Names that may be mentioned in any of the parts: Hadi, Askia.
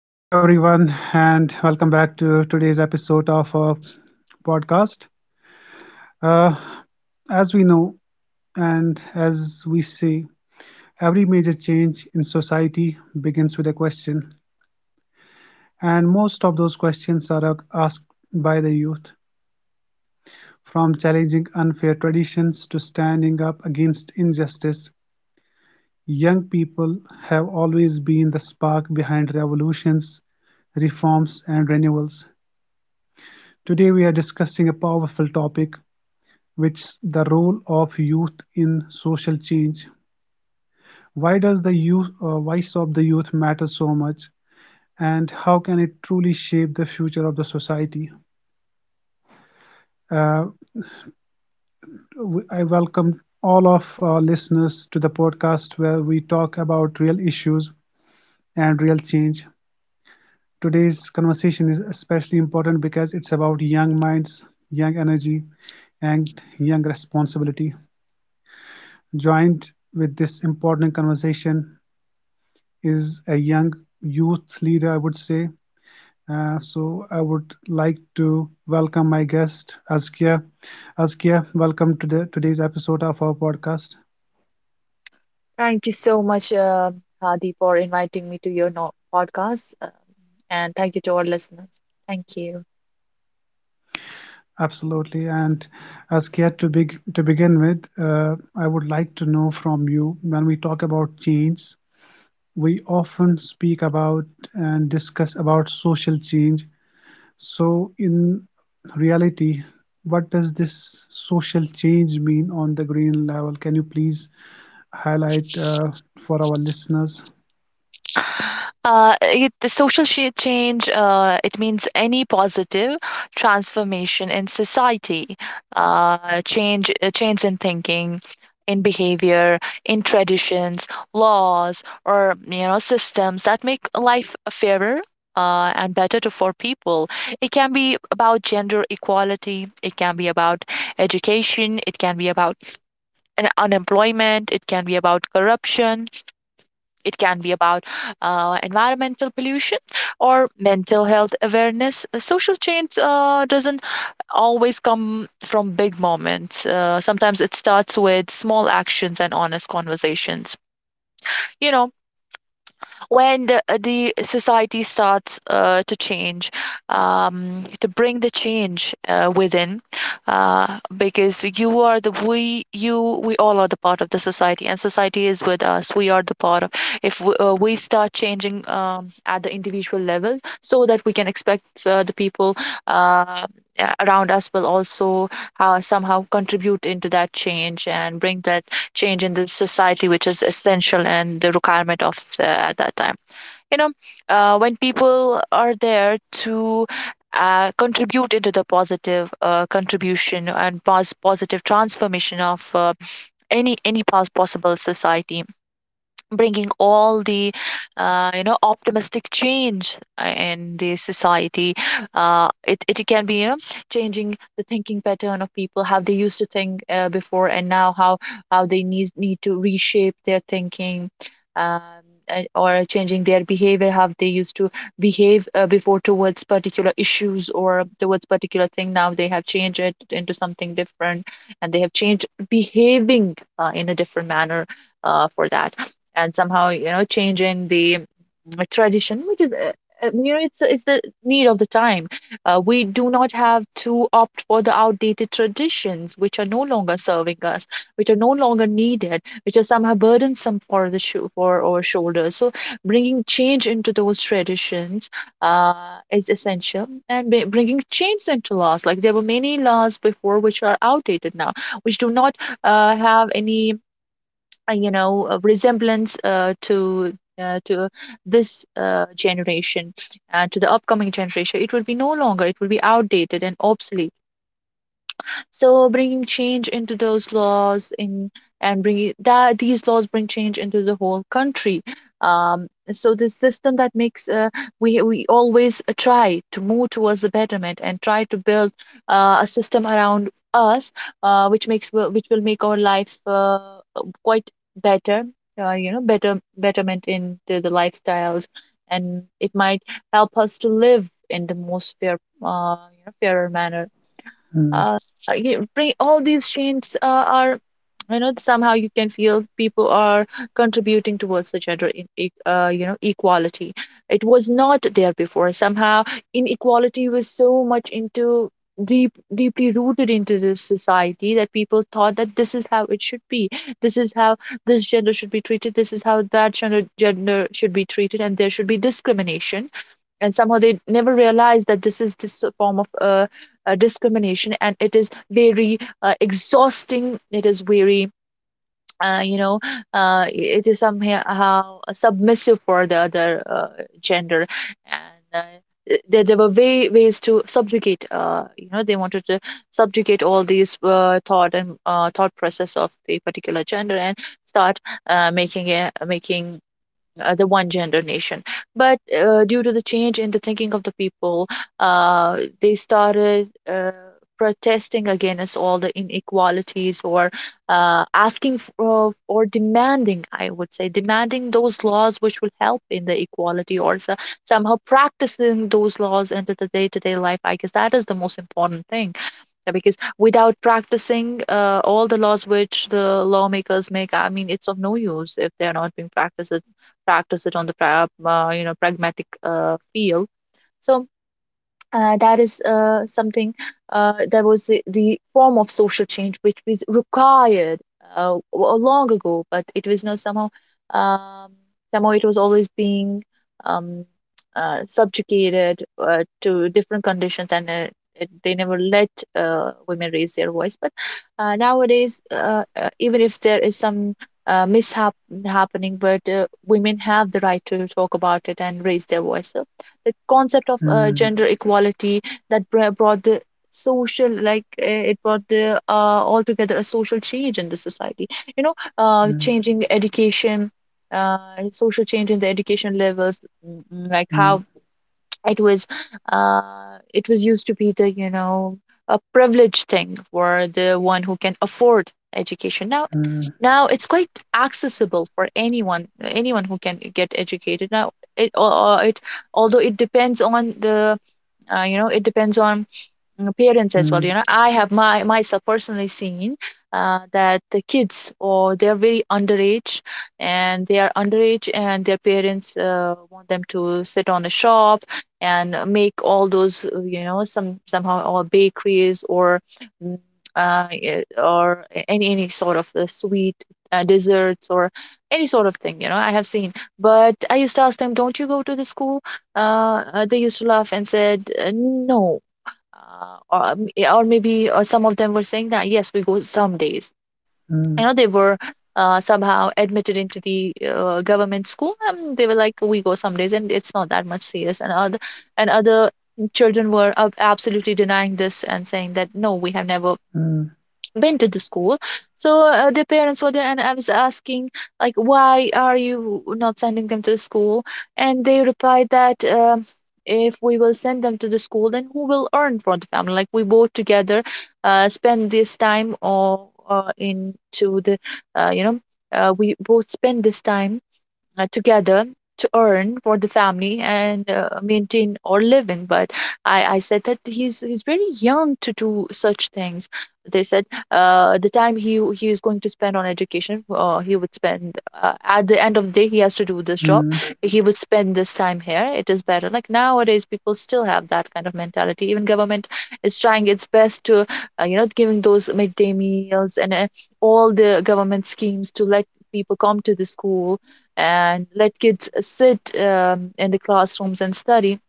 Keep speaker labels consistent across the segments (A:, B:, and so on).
A: Hello, everyone, and welcome back to today's episode of our podcast. Uh, as we know, and as we say, every major change in society begins with a question, and most of those questions are asked by the youth. From challenging unfair traditions to standing up against injustice, young people have always been the spark behind revolutions, reforms, and renewals. Today, we are discussing a powerful topic which the role of youth in social change. Why does the youth voice of the youth matter so much, and how can it truly shape the future of the society? Uh, I welcome all of our listeners to the podcast where we talk about real issues and real change. Today's conversation is especially important because it's about young minds, young energy, and young responsibility. Joined with this important conversation is a young youth leader, I would say. So I would like to welcome my guest, Askia. Askia, welcome to today's episode of our podcast.
B: Thank you so much, Hadi, for inviting me to your podcast. And thank you to our listeners. Thank you.
A: Absolutely. And Askia, to begin with, I would like to know from you, when we talk about change, we often speak about and discuss about social change. So, in reality, what does this social change mean on the green level? Can you please highlight for our listeners?
B: The social change it means any positive transformation in society, change in thinking, in behavior, in traditions, laws, or systems that make life fairer. And better for people. It can be about gender equality. It can be about education. It can be about an unemployment. It can be about corruption, it can be about environmental pollution or mental health awareness. Social change doesn't always come from big moments. Sometimes it starts with small actions and honest conversations. You know, when the society starts to change, to bring the change within, because you are the we you we all are the part of the society, and society is with us. We are the part of, if we start changing at the individual level, so that we can expect the people. Uh, Around us will also somehow contribute into that change and bring that change in the society, which is essential and the requirement of at that time. You know, when people are there to contribute into the positive contribution and positive transformation of any possible society, bringing all the optimistic change in the society, it can be, you know, changing the thinking pattern of people, how they used to think before and now how they need to reshape their thinking, um, and or changing their behavior, how they used to behave before towards particular issues or towards particular thing, now they have changed it into something different and they have changed behaving in a different manner for that. And somehow, you know, changing the tradition, which is you know, it's the need of the time. We do not have to opt for the outdated traditions which are no longer serving us, which are no longer needed, which are somehow burdensome for for our shoulders. So bringing change into those traditions uh, is essential. And bringing change into laws, like there were many laws before which are outdated now, which do not have any a resemblance to this generation, and to the upcoming generation it will be no longer, it will be outdated and obsolete. So bringing change into those laws, in and bringing that these laws bring change into the whole country. um, so this system that makes, we always try to move towards the betterment and try to build a system around us which which will make our life quite better. Better betterment in the lifestyles, and it might help us to live in the most fair, fairer manner.
A: Mm,
B: uh, you bring all these changes are, you know, somehow you can feel people are contributing towards the gender in, e- you know equality. It was not there before. Somehow inequality was so much into deep, deeply rooted into this society that people thought that this is how it should be, this is how this gender should be treated, this is how that gender should be treated, and there should be discrimination. And somehow they never realize that this is this form of discrimination, and it is very exhausting, it is very uh, you know it is somehow submissive for the other gender. And uh, there were ways to subjugate, you know, they wanted to subjugate all these thought and thought process of the particular gender and start making the one gender nation. But due to the change in the thinking of the people, they started protesting against all the inequalities, or asking for or demanding, I would say, demanding those laws which will help in the equality. Or so, somehow practicing those laws into the day-to-day life, I guess that is the most important thing. Yeah, because without practicing all the laws which the lawmakers make, I mean, it's of no use if they are not being practiced, practiced on the pragmatic field. So that is something, that was the form of social change which was required long ago, but it was not somehow, um, somehow it was always being um, subjugated to different conditions. And they never let women raise their voice. But nowadays, even if there is some mishap happening, but women have the right to talk about it and raise their voice. So the concept of
A: mm,
B: gender equality, brought the social, it brought the altogether a social change in the society, you know.
A: mm,
B: Changing education, uh, social change in the education levels, mm, like
A: mm,
B: how it was, uh, it was used to be the, you know, a privileged thing for the one who can afford education. Now,
A: mm,
B: now it's quite accessible for anyone, anyone who can get educated now. Or it, although it depends on the it depends on parents as well.
A: mm,
B: You know, I have my myself personally seen that the kids, or they're very underage, and they are underage, and their parents want them to sit on a shop and make all those somehow, or bakeries, or mm, any sort of sweet desserts, or any sort of thing, you know, I have seen. But I used to ask them, don't you go to the school? They used to laugh and said, no. Yeah, or maybe, or some of them were saying that yes, we go some days, you
A: mm,
B: know. They were somehow admitted into the government school, and they were like, we go some days and it's not that much serious. And other, and other children were absolutely denying this and saying that no, we have never
A: mm,
B: been to the school. So the parents were there and I was asking, like, why are you not sending them to the school? And they replied that, if we will send them to the school, then who will earn for the family, like we both together spend this time or into the you know we both spend this time together to earn for the family and maintain or living. But I said that he's very young to do such things. They said, the time he is going to spend on education, he would spend at the end of the day he has to do this job.
A: mm,
B: He would spend this time here, it is better. Like nowadays people still have that kind of mentality. Even government is trying its best to giving those midday meals and all the government schemes to let people come to the school and let kids sit in the classrooms and study.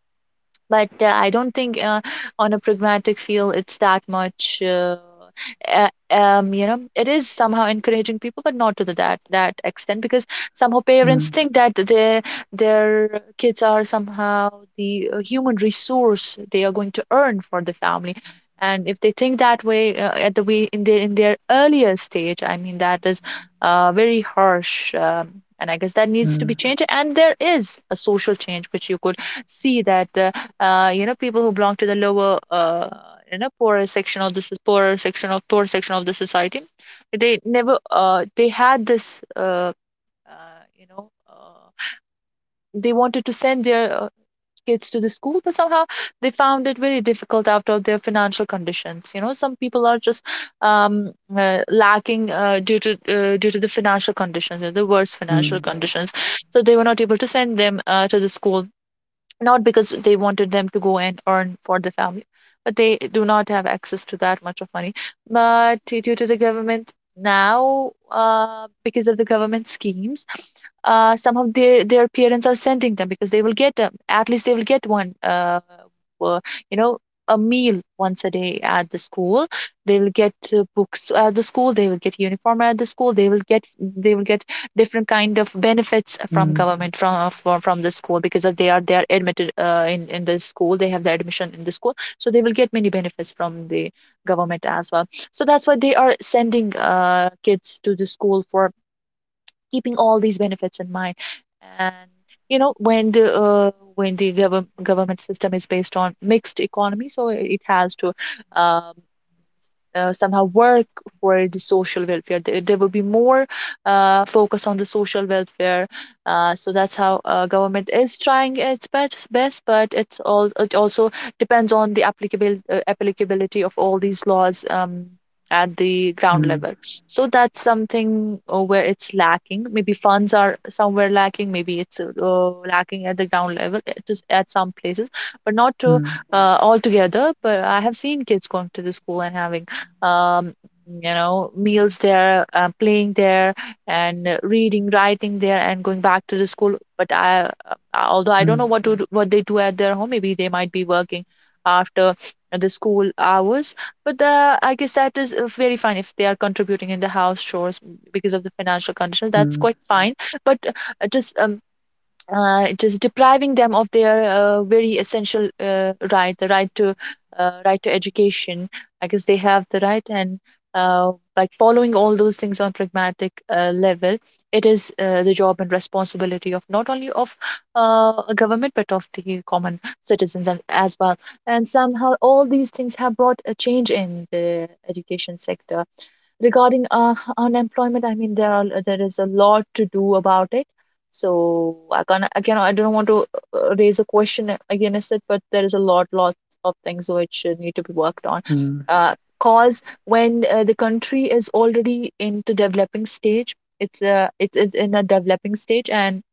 B: But I don't think on a pragmatic feel it's that much. You know, it is somehow encouraging people, but not to that that extent, because somehow
A: mm, mm,
B: parents think that their kids are somehow the human resource, they are going to earn for the family. And if they think that way at the way in the in their earlier stage, I mean that is very harsh, and I guess that needs to
A: mm,
B: be changed. And there is a social change which you could see that. You know people who belong to the lower poorer section of the poor section of the society they never they had this uh, you know uh, they wanted to send their kids to the school, but somehow they found it very difficult out of their financial conditions. You know, some people are just um, lacking due to the financial conditions, the worst financial conditions, so they were not able to send them to the school, not because they wanted them to go and earn for the family, but they do not have access to that much of money. But due to the government now, because of the government schemes, some of their parents are sending them because they will at least they will get one uh, you know a meal once a day at the school. They will get books at the school, they will get uniform at the school, they will get different kind of benefits from
A: mm,
B: government, from the school, because if they are admitted in the school, they have the admission in the school, so they will get many benefits from the government as well. So that's why they are sending kids to the school for keeping all these benefits in mind. And you know, when the government system is based on mixed economy, so it has to um, somehow work for the social welfare. There will be more focus on the social welfare. So that's how government is trying its best, but it also depends on the applicable applicability of all these laws at the ground
A: mm,
B: level. So that's something where it's lacking. Maybe funds are somewhere lacking. Maybe it's lacking at the ground level just at some places, but not to
A: mm,
B: altogether. But I have seen kids going to the school and having um, meals there, playing there, and reading, writing there, and going back to the school. But I although I don't know
A: mm,
B: what they do at their home. Maybe they might be working after the school hours. But the I guess that is very fine if they are contributing in the house chores because of the financial condition. That's quite fine. But just depriving them of their very essential the right to right to education. I guess they have the right, and like following all those things on pragmatic level, it is the job and responsibility of not only of a government, but of the common citizens, as well. And somehow all these things have brought a change in the education sector. Regarding unemployment, I mean, there is a lot to do about it. So I can again, I don't want to raise a question against it, but there is a lot of things which need to be worked on.
A: mm, mm,
B: Cause when the country is already into developing stage, it's in a developing stage and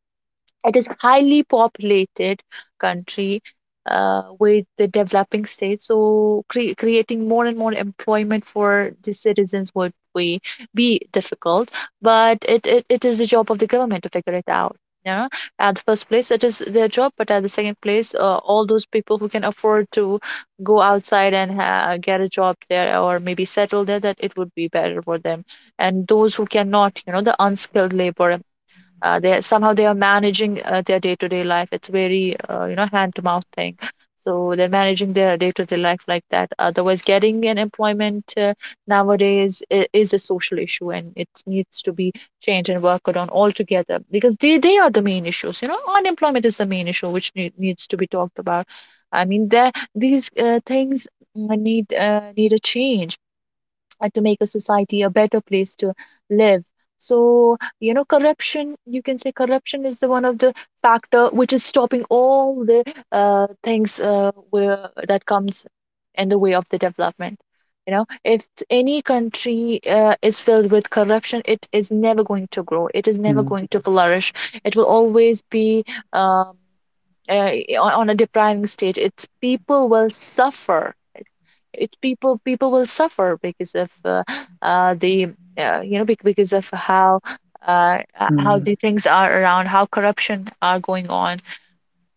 B: it is highly populated country with the developing states, so creating more and more employment for the citizens would be difficult. But it is the job of the government to figure it out. You know, at the first place, it is their job, but at the second place, all those people who can afford to go outside and get a job there or maybe settle there, that it would be better for them. And those who cannot, you know, the unskilled labor, they somehow they are managing their day-to-day life. It's very hand to mouth thing, so they're managing their day-to-day life like that. Otherwise, getting an employment nowadays is a social issue and it needs to be changed and worked on altogether, because they are the main issues. You know, unemployment is the main issue which needs to be talked about. I mean, there these things need a change to make a society a better place to live. So you know, corruption, you can say corruption is the one of the factor which is stopping all the things that comes in the way of the development. You know, if any country is filled with corruption, it is never going to grow, it is never
A: mm,
B: going to flourish. It will always be um, uh, on a depriving state. It's people will suffer. It people People will suffer because of the you know bec- because of how
A: mm,
B: the things are around, how corruption are going on.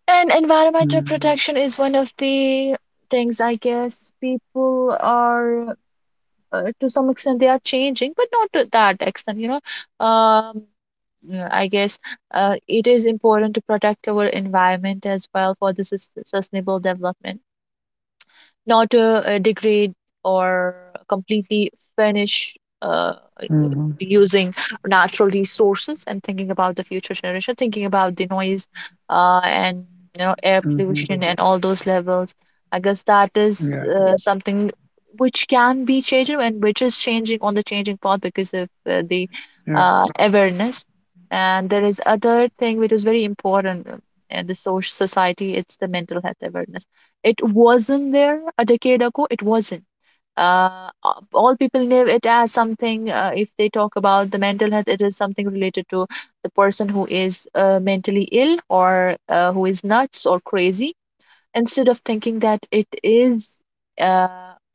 B: And environmental
A: mm,
B: protection is one of the things. I guess people are to some extent they are changing, but not to that extent, you know. um I guess it is important to protect our environment as well for the sustainable development, not degrade or completely finish uh,
A: mhm,
B: using natural resources, and thinking about the future generation, thinking about the noise and air
A: mhm.
B: pollution and all those levels. I guess that
A: Yeah,
B: is something which can be changed and which is changing on the changing path because of the
A: yeah.
B: awareness. And there is other thing which is very important in the social society. It's the mental health awareness. It wasn't there a decade ago. It wasn't all people know it as something. If they talk about the mental health, it is something related to the person who is mentally ill or who is nuts or crazy, instead of thinking that it is uh,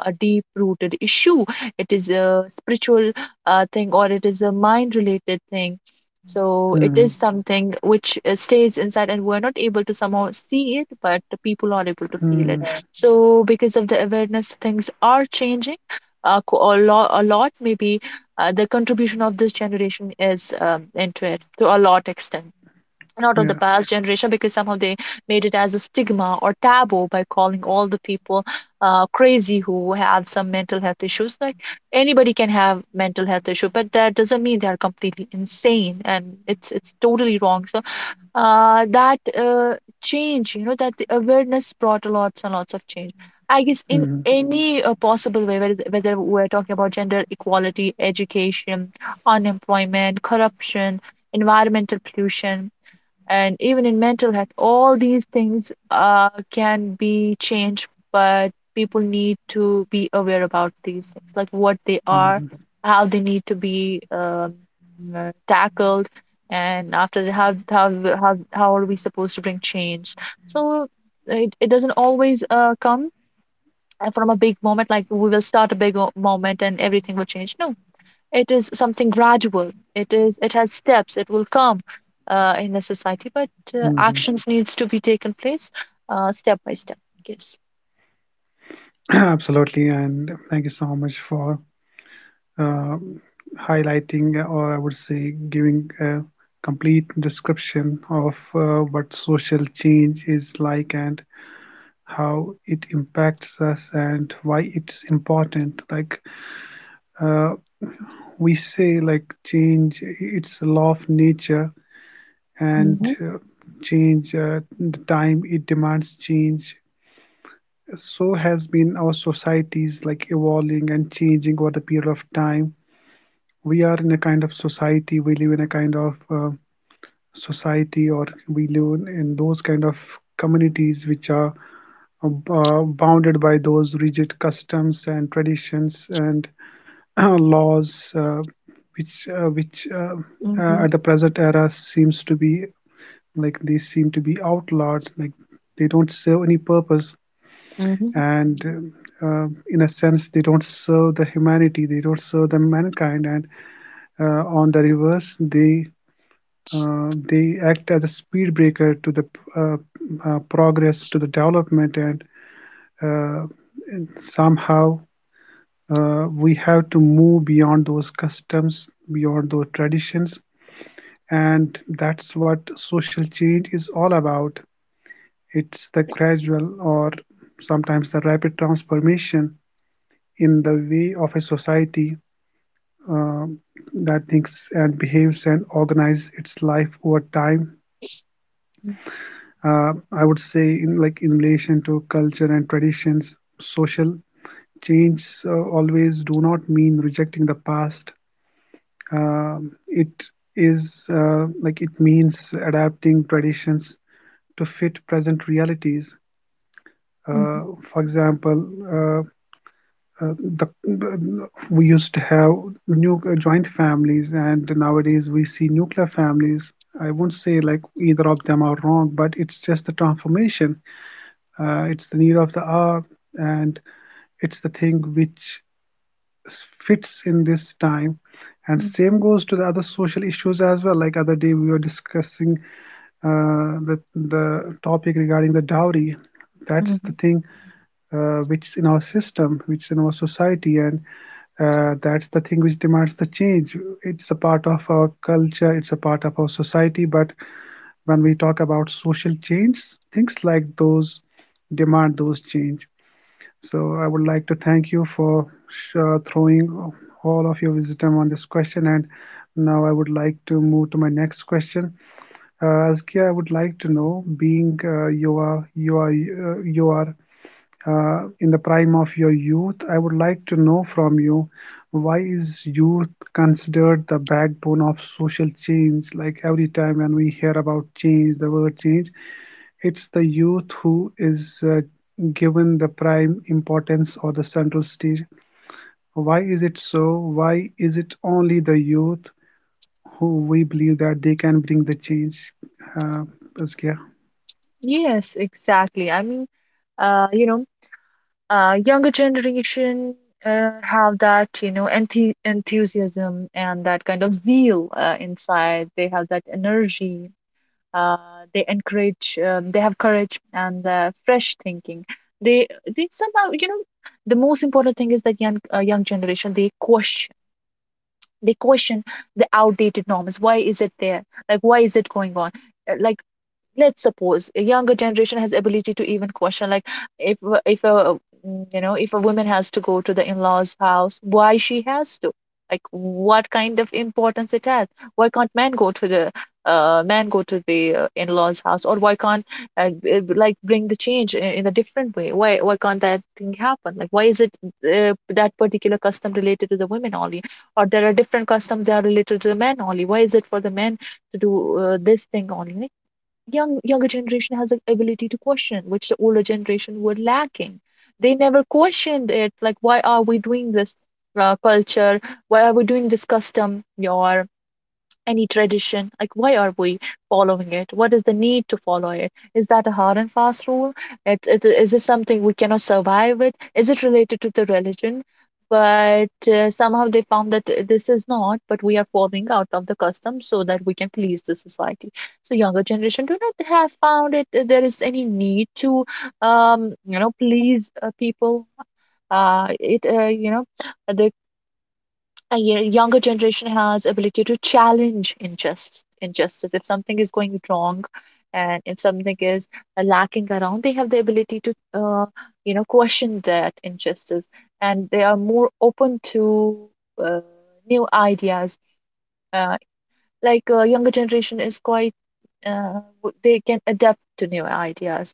B: a deep rooted issue. It is a spiritual thing, or it is a mind related thing. So it
A: Mhm,
B: is something which stays inside and we're not able to somehow see it, but the people are able to feel it.
A: mm,
B: Yeah. So because of the awareness, things are changing a, a lot, maybe the contribution of this generation is into it to a lot extent, not of
A: yeah.
B: the past generation, because somehow they made it as a stigma or taboo by calling all the people crazy who have some mental health issues. Like, anybody can have mental health issue, but that doesn't mean they are completely insane, and it's totally wrong. So that change, you know, that the awareness brought lots and lots of change, I guess, in
A: Mhm,
B: any possible way, whether we're talking about gender equality, education, unemployment, corruption, environmental pollution, and even in mental health. All these things can be changed, but people need to be aware about these things, like what they
A: mhm,
B: are, how they need to be tackled, and after how, how are we supposed to bring change. So it doesn't always come from a big moment, like we will start a big moment and everything will change. No, it is something gradual. It is, it has steps. It will come in a society, but
A: mhm.
B: actions needs to be taken place step by step. Yes.
A: Absolutely, and thank you so much for uh, highlighting, or I would say, giving a complete description of what social change is like, and how it impacts us, and why it's important. Like uh, we say, like change, it's a law of nature, and
B: Mm-hmm,
A: the time it demands change. So has been our societies, like evolving and changing over the period of time. We are in a kind of society, we live in a kind of society, or we live in those kind of communities which are bounded by those rigid customs and traditions, and uh, laws which at
B: mm-hmm,
A: the present era seems to be, like they seem to be outlawed, like they don't serve any purpose,
B: mm-hmm,
A: and in a sense, they don't serve the humanity, they don't serve the mankind, and on the reverse, they act as a speed breaker to the uh, progress, to the development, uh, and somehow we have to move beyond those customs, beyond those traditions, and that's what social change is all about. It's the gradual, or sometimes the rapid transformation in the way of a society um that thinks and behaves and organizes its life over time. I would say, in like in relation to culture and traditions, social change always do not mean rejecting the past. It is like, it means adapting traditions to fit present realities. Uh,
B: mm-hmm,
A: for example, uh, the, we used to have new joint families, and nowadays we see nuclear families. I won't say like either of them are wrong, but it's just the transformation. It's the need of the hour, and it's the thing which fits in this time. And same
B: mm-hmm.
A: goes to the other social issues as well. Like, other day we were discussing the topic regarding the dowry. That's the
B: Mm-hmm.
A: thing which is in our system, which is in our society, and that's the thing which demands the change. It's a part of our culture, it's a part of our society, but when we talk about social change, things like those demand those change. So I would like to thank you for throwing all of your wisdom on this question. And now I would like to move to my next question. Azkia, I would like to know, being you are you are you are in the prime of your youth. I would like to know from you, why is youth considered the backbone of social change? Like every time when we hear about change, the word change, it's the youth who is given the prime importance or the central stage. Why is it so? Why is it only the youth who we believe that they can bring the change? Uh, yeah.
B: Yes, exactly. I mean, uh, you know younger generation have that, you know, enthusiasm and that kind of zeal inside. They have that energy. uh, they encourage, they have courage and fresh thinking. they they somehow, you know, the most important thing is that young generation, they question. They question the outdated norms. Why is it there, like why is it going on? Like, let's suppose a younger generation has ability to even question, like, if if a you know, if a woman has to go to the in-laws house, why she has to, like, what kind of importance it has? Why can't men go to the man go to the in-laws house? Or why can't uh, like bring the change in a different way? Why can't that thing happen? Like, why is it that particular custom related to the women only? Or there are different customs that are related to the men only. Why is it for the men to do this thing only? Younger generation has an ability to question, which the older generation were lacking. They never questioned it, like, why are we doing this culture? Why are we doing this custom, or any tradition? Like, why are we following it? What is the need to follow it? Is that a hard and fast rule? Is it something we cannot survive with? Is it related to the religion? But somehow they found that this is not, but we are following out of the custom so that we can please the society. So younger generation do not have found it there is any need to you know please people. It you know they You know, younger generation has ability to challenge injustice. Injustice, if something is going wrong and if something is lacking around, they have the ability to you know question that injustice. And they are more open to uh, new ideas. uh, like, younger generation is quite they can adapt to new ideas,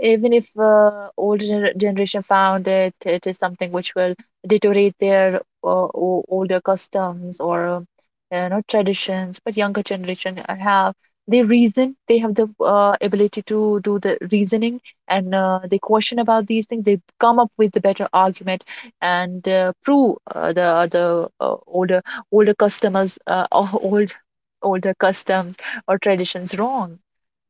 B: even if older generation found it, it is something which will deteriorate their older customs or traditions. But younger generation have they reason, they have the ability to do the reasoning. And they question about these things. They come up with the better argument and prove the older older customers or old older customs or traditions wrong,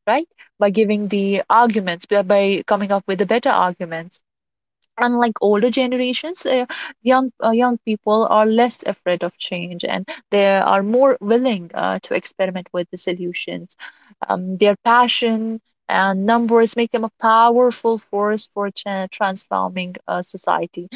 B: right? By giving the arguments, by coming up with the better arguments. Unlike older generations, young people are less afraid of change, and they are more willing to experiment with the solutions. Their passion and numbers make them a powerful force for transforming society.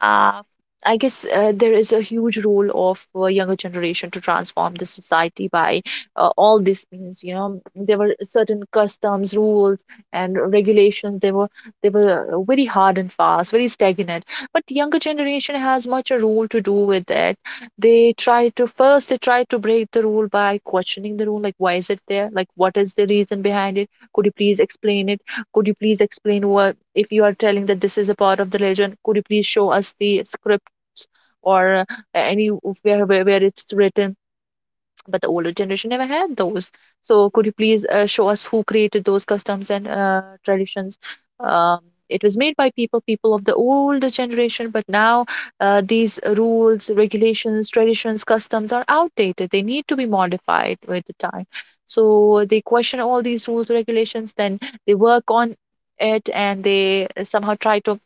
B: Uh, I guess there is a huge role of younger generation to transform the society by all these means. You know, there were certain customs, rules, and regulations. They were very hard and fast, very stagnant. But younger generation has much a role to do with it. They try to first they try to break the rule by questioning the rule. Like, why is it there? Like, what is the reason behind it? Could you please explain it? Could you please explain, what if you are telling that this is a part of the legend? Could you please show us the scripts or any where, where it's written? But the older generation never had those. So could you please show us who created those customs and traditions? Um, it was made by people, people of the older generation, but now these rules, regulations, traditions, customs are outdated. They need to be modified with the time. So they question all these rules, regulations, then they work on it and they somehow try to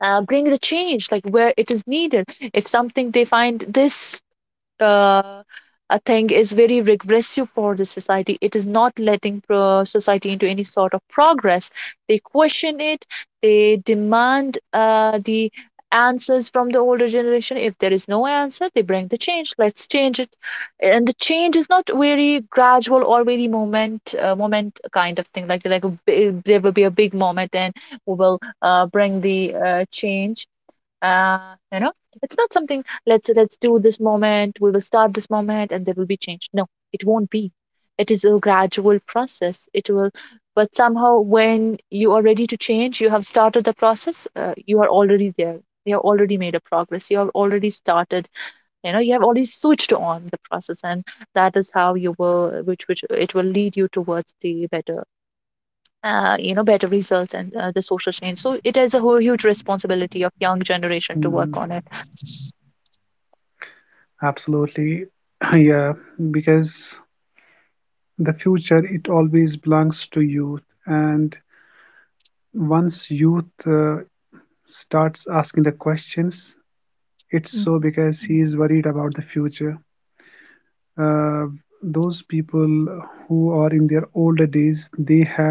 B: bring the change like where it is needed. If something, they find this uh, a thing is very regressive for the society. It is not letting society into any sort of progress. They question it. They demand the answers from the older generation. If there is no answer, they bring the change. Let's change it. And the change is not very gradual or very moment kind of thing. Like there will be a big moment and we will bring the change. uh you know it's not something, let's do this moment, we will start this moment and there will be change. No, it won't be. It is a gradual process, it will. But somehow, when you are ready to change, you have started the process. You are already there. You have already made a progress. You have already started. You know, you have already switched on the process, and that is how you will, which it will lead you towards the better, you know, better results and the social change. So it is a whole huge responsibility of young generation to
A: Mhm.
B: work on it.
A: Absolutely. Yeah, because the future, it always belongs to youth. And once youth starts asking the questions, it's so
B: Mhm,
A: because he is worried about the future. uh, those people who are in their older days, they have,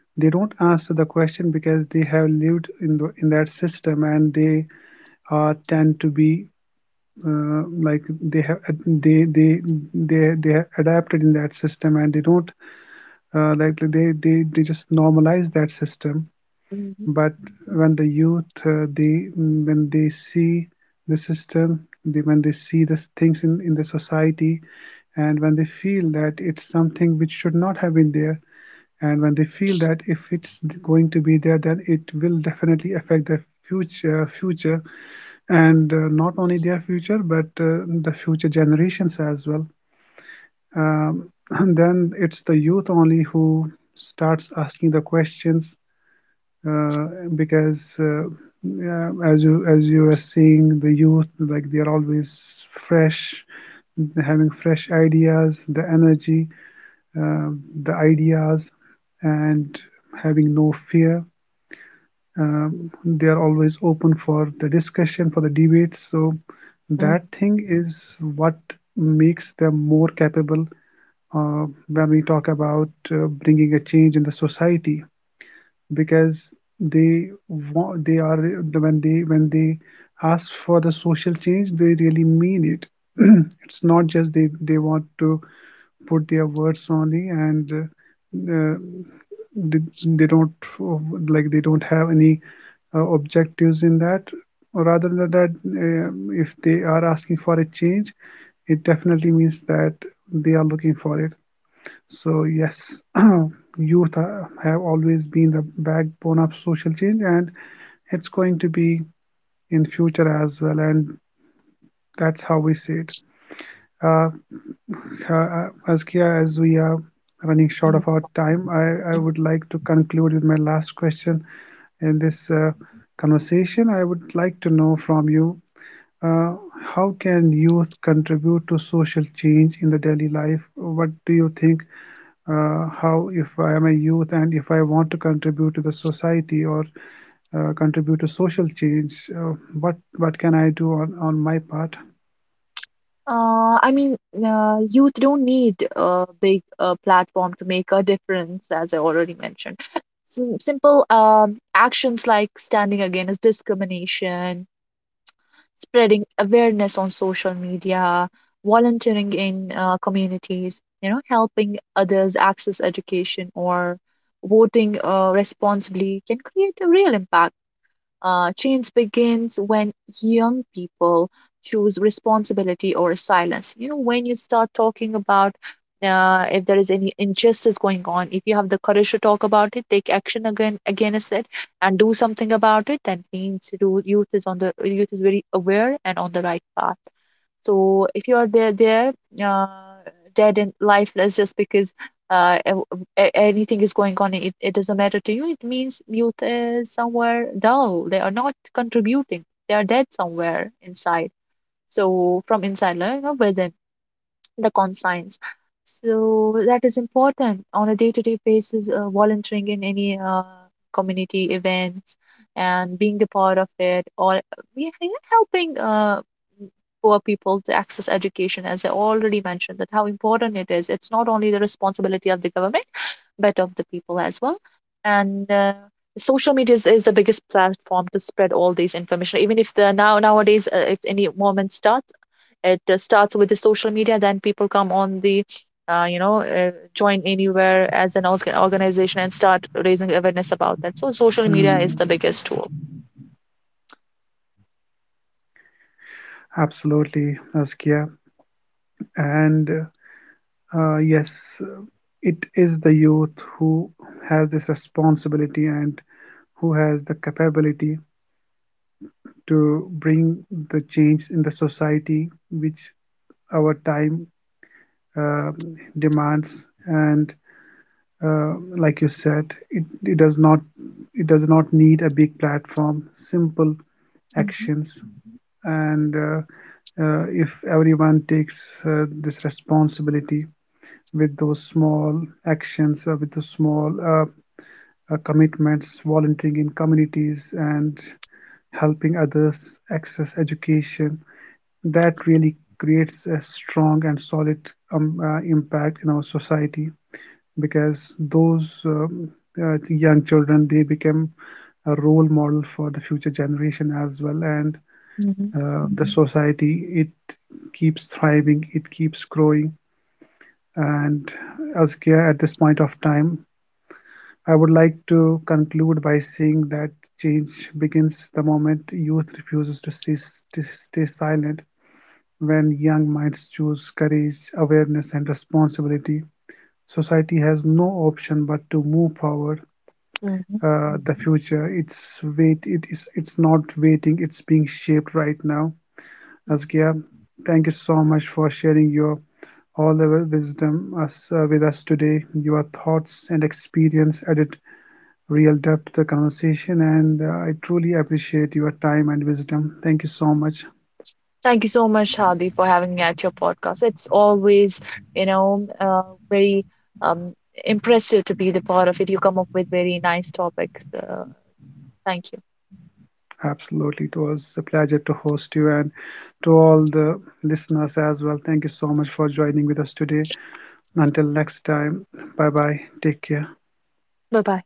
A: they don't answer the question because they have lived in in that system, and they are tend to be like they they they have adapted in that system, and they don't like they just normalize that system.
B: mhm,
A: But when the youth, they when they see the system, they, when they see the things in the society, and when they feel that it's something which should not have been there, and when they feel that if it's going to be there, then it will definitely affect their future, and not only their future, but the future generations as well. And then it's the youth only who starts asking the questions uh, because yeah, as you are seeing, the youth, like they are always fresh, having fresh ideas, the energy, uh, the ideas, and having no fear. They are always open for the discussion, for the debates. So that
B: mhm,
A: thing is what makes them more capable when we talk about bringing a change in the society. Because they want, they are, when they ask for the social change, they really mean it. It's not just they want to put their words only, and they don't uh, like, they don't have any objectives in that rather than that. If they are asking for a change, it definitely means that they are looking for it. So yes, youth have always been the backbone of social change, and it's going to be in future as well. And that's how we see it. Uh, Azkia, as we are running short of
B: mhm,
A: our time, I would
B: mhm.
A: like to conclude with my last question in this conversation. I would like to know from you, uh, how can youth contribute to social change in the daily life? What do you think? How, if I am a youth and if I want to contribute to the society, or contribute to social change, what can I do on my part?
B: I mean, youth don't need a big platform to make a difference, as I already mentioned. Simple actions like standing against discrimination, spreading awareness on social media, volunteering in communities, you know, helping others access education, or voting responsibly can create a real impact. Change begins when young people choose responsibility or silence. You know, when you start talking about, if there is any injustice going on, if you have the courage to talk about it, take action against it, and do something about it, that means youth is on the, youth is very aware and on the right path. So if you are there, uh, dead and lifeless, just because anything is going on, it doesn't matter to you. It means youth is somewhere dull. They are not contributing. They are dead somewhere inside. So from inside, like, you know, within the consigns. So that is important on a day-to-day basis. Volunteering in any community events and being the part of it, or yeah, yeah, helping poor people to access education, as I already mentioned, that how important it is. It's not only the responsibility of the government, but of the people as well. And social media is the biggest platform to spread all these information. Even if the, now nowadays, if any movement starts, it starts with the social media, then people come on the, join anywhere as an organization and start raising awareness about that. So social media
A: Mm,
B: is the biggest tool.
A: absolutely, Askia. And yes, it is the youth who has this responsibility, and who has the capability to bring the change in the society which our time uh, demands. And like you said, it does not, it does not need a big platform. Simple
B: Mhm.
A: actions, and if everyone takes this responsibility with those small actions, or with the small commitments, volunteering in communities and helping others access education, that really creates a strong and solid impact in our society. Because those young children, they become a role model for the future generation as well. And
B: Mhm.
A: the society, it keeps thriving, it keeps growing. And Azkia, at this point of time, I would like to conclude by saying that change begins the moment youth refuses to stay silent. When young minds choose courage, awareness, and responsibility, society has no option but to move forward.
B: Mhm.
A: The future, it's wait. It is. It's not waiting. It's being shaped right now. Askia, thank you so much for sharing your all the wisdom us with us today. Your thoughts and experience added real depth to the conversation, and I truly appreciate your time and wisdom. Thank you so much.
B: Thank you so much, Hadi, for having me at your podcast. It's always, you know, very um, impressive to be the part of it. You come up with very nice topics. Thank you.
A: Absolutely, it was a pleasure to host you, and to all the listeners as well. Thank you so much for joining with us today. Until next time, bye bye. Take care.
B: Bye bye.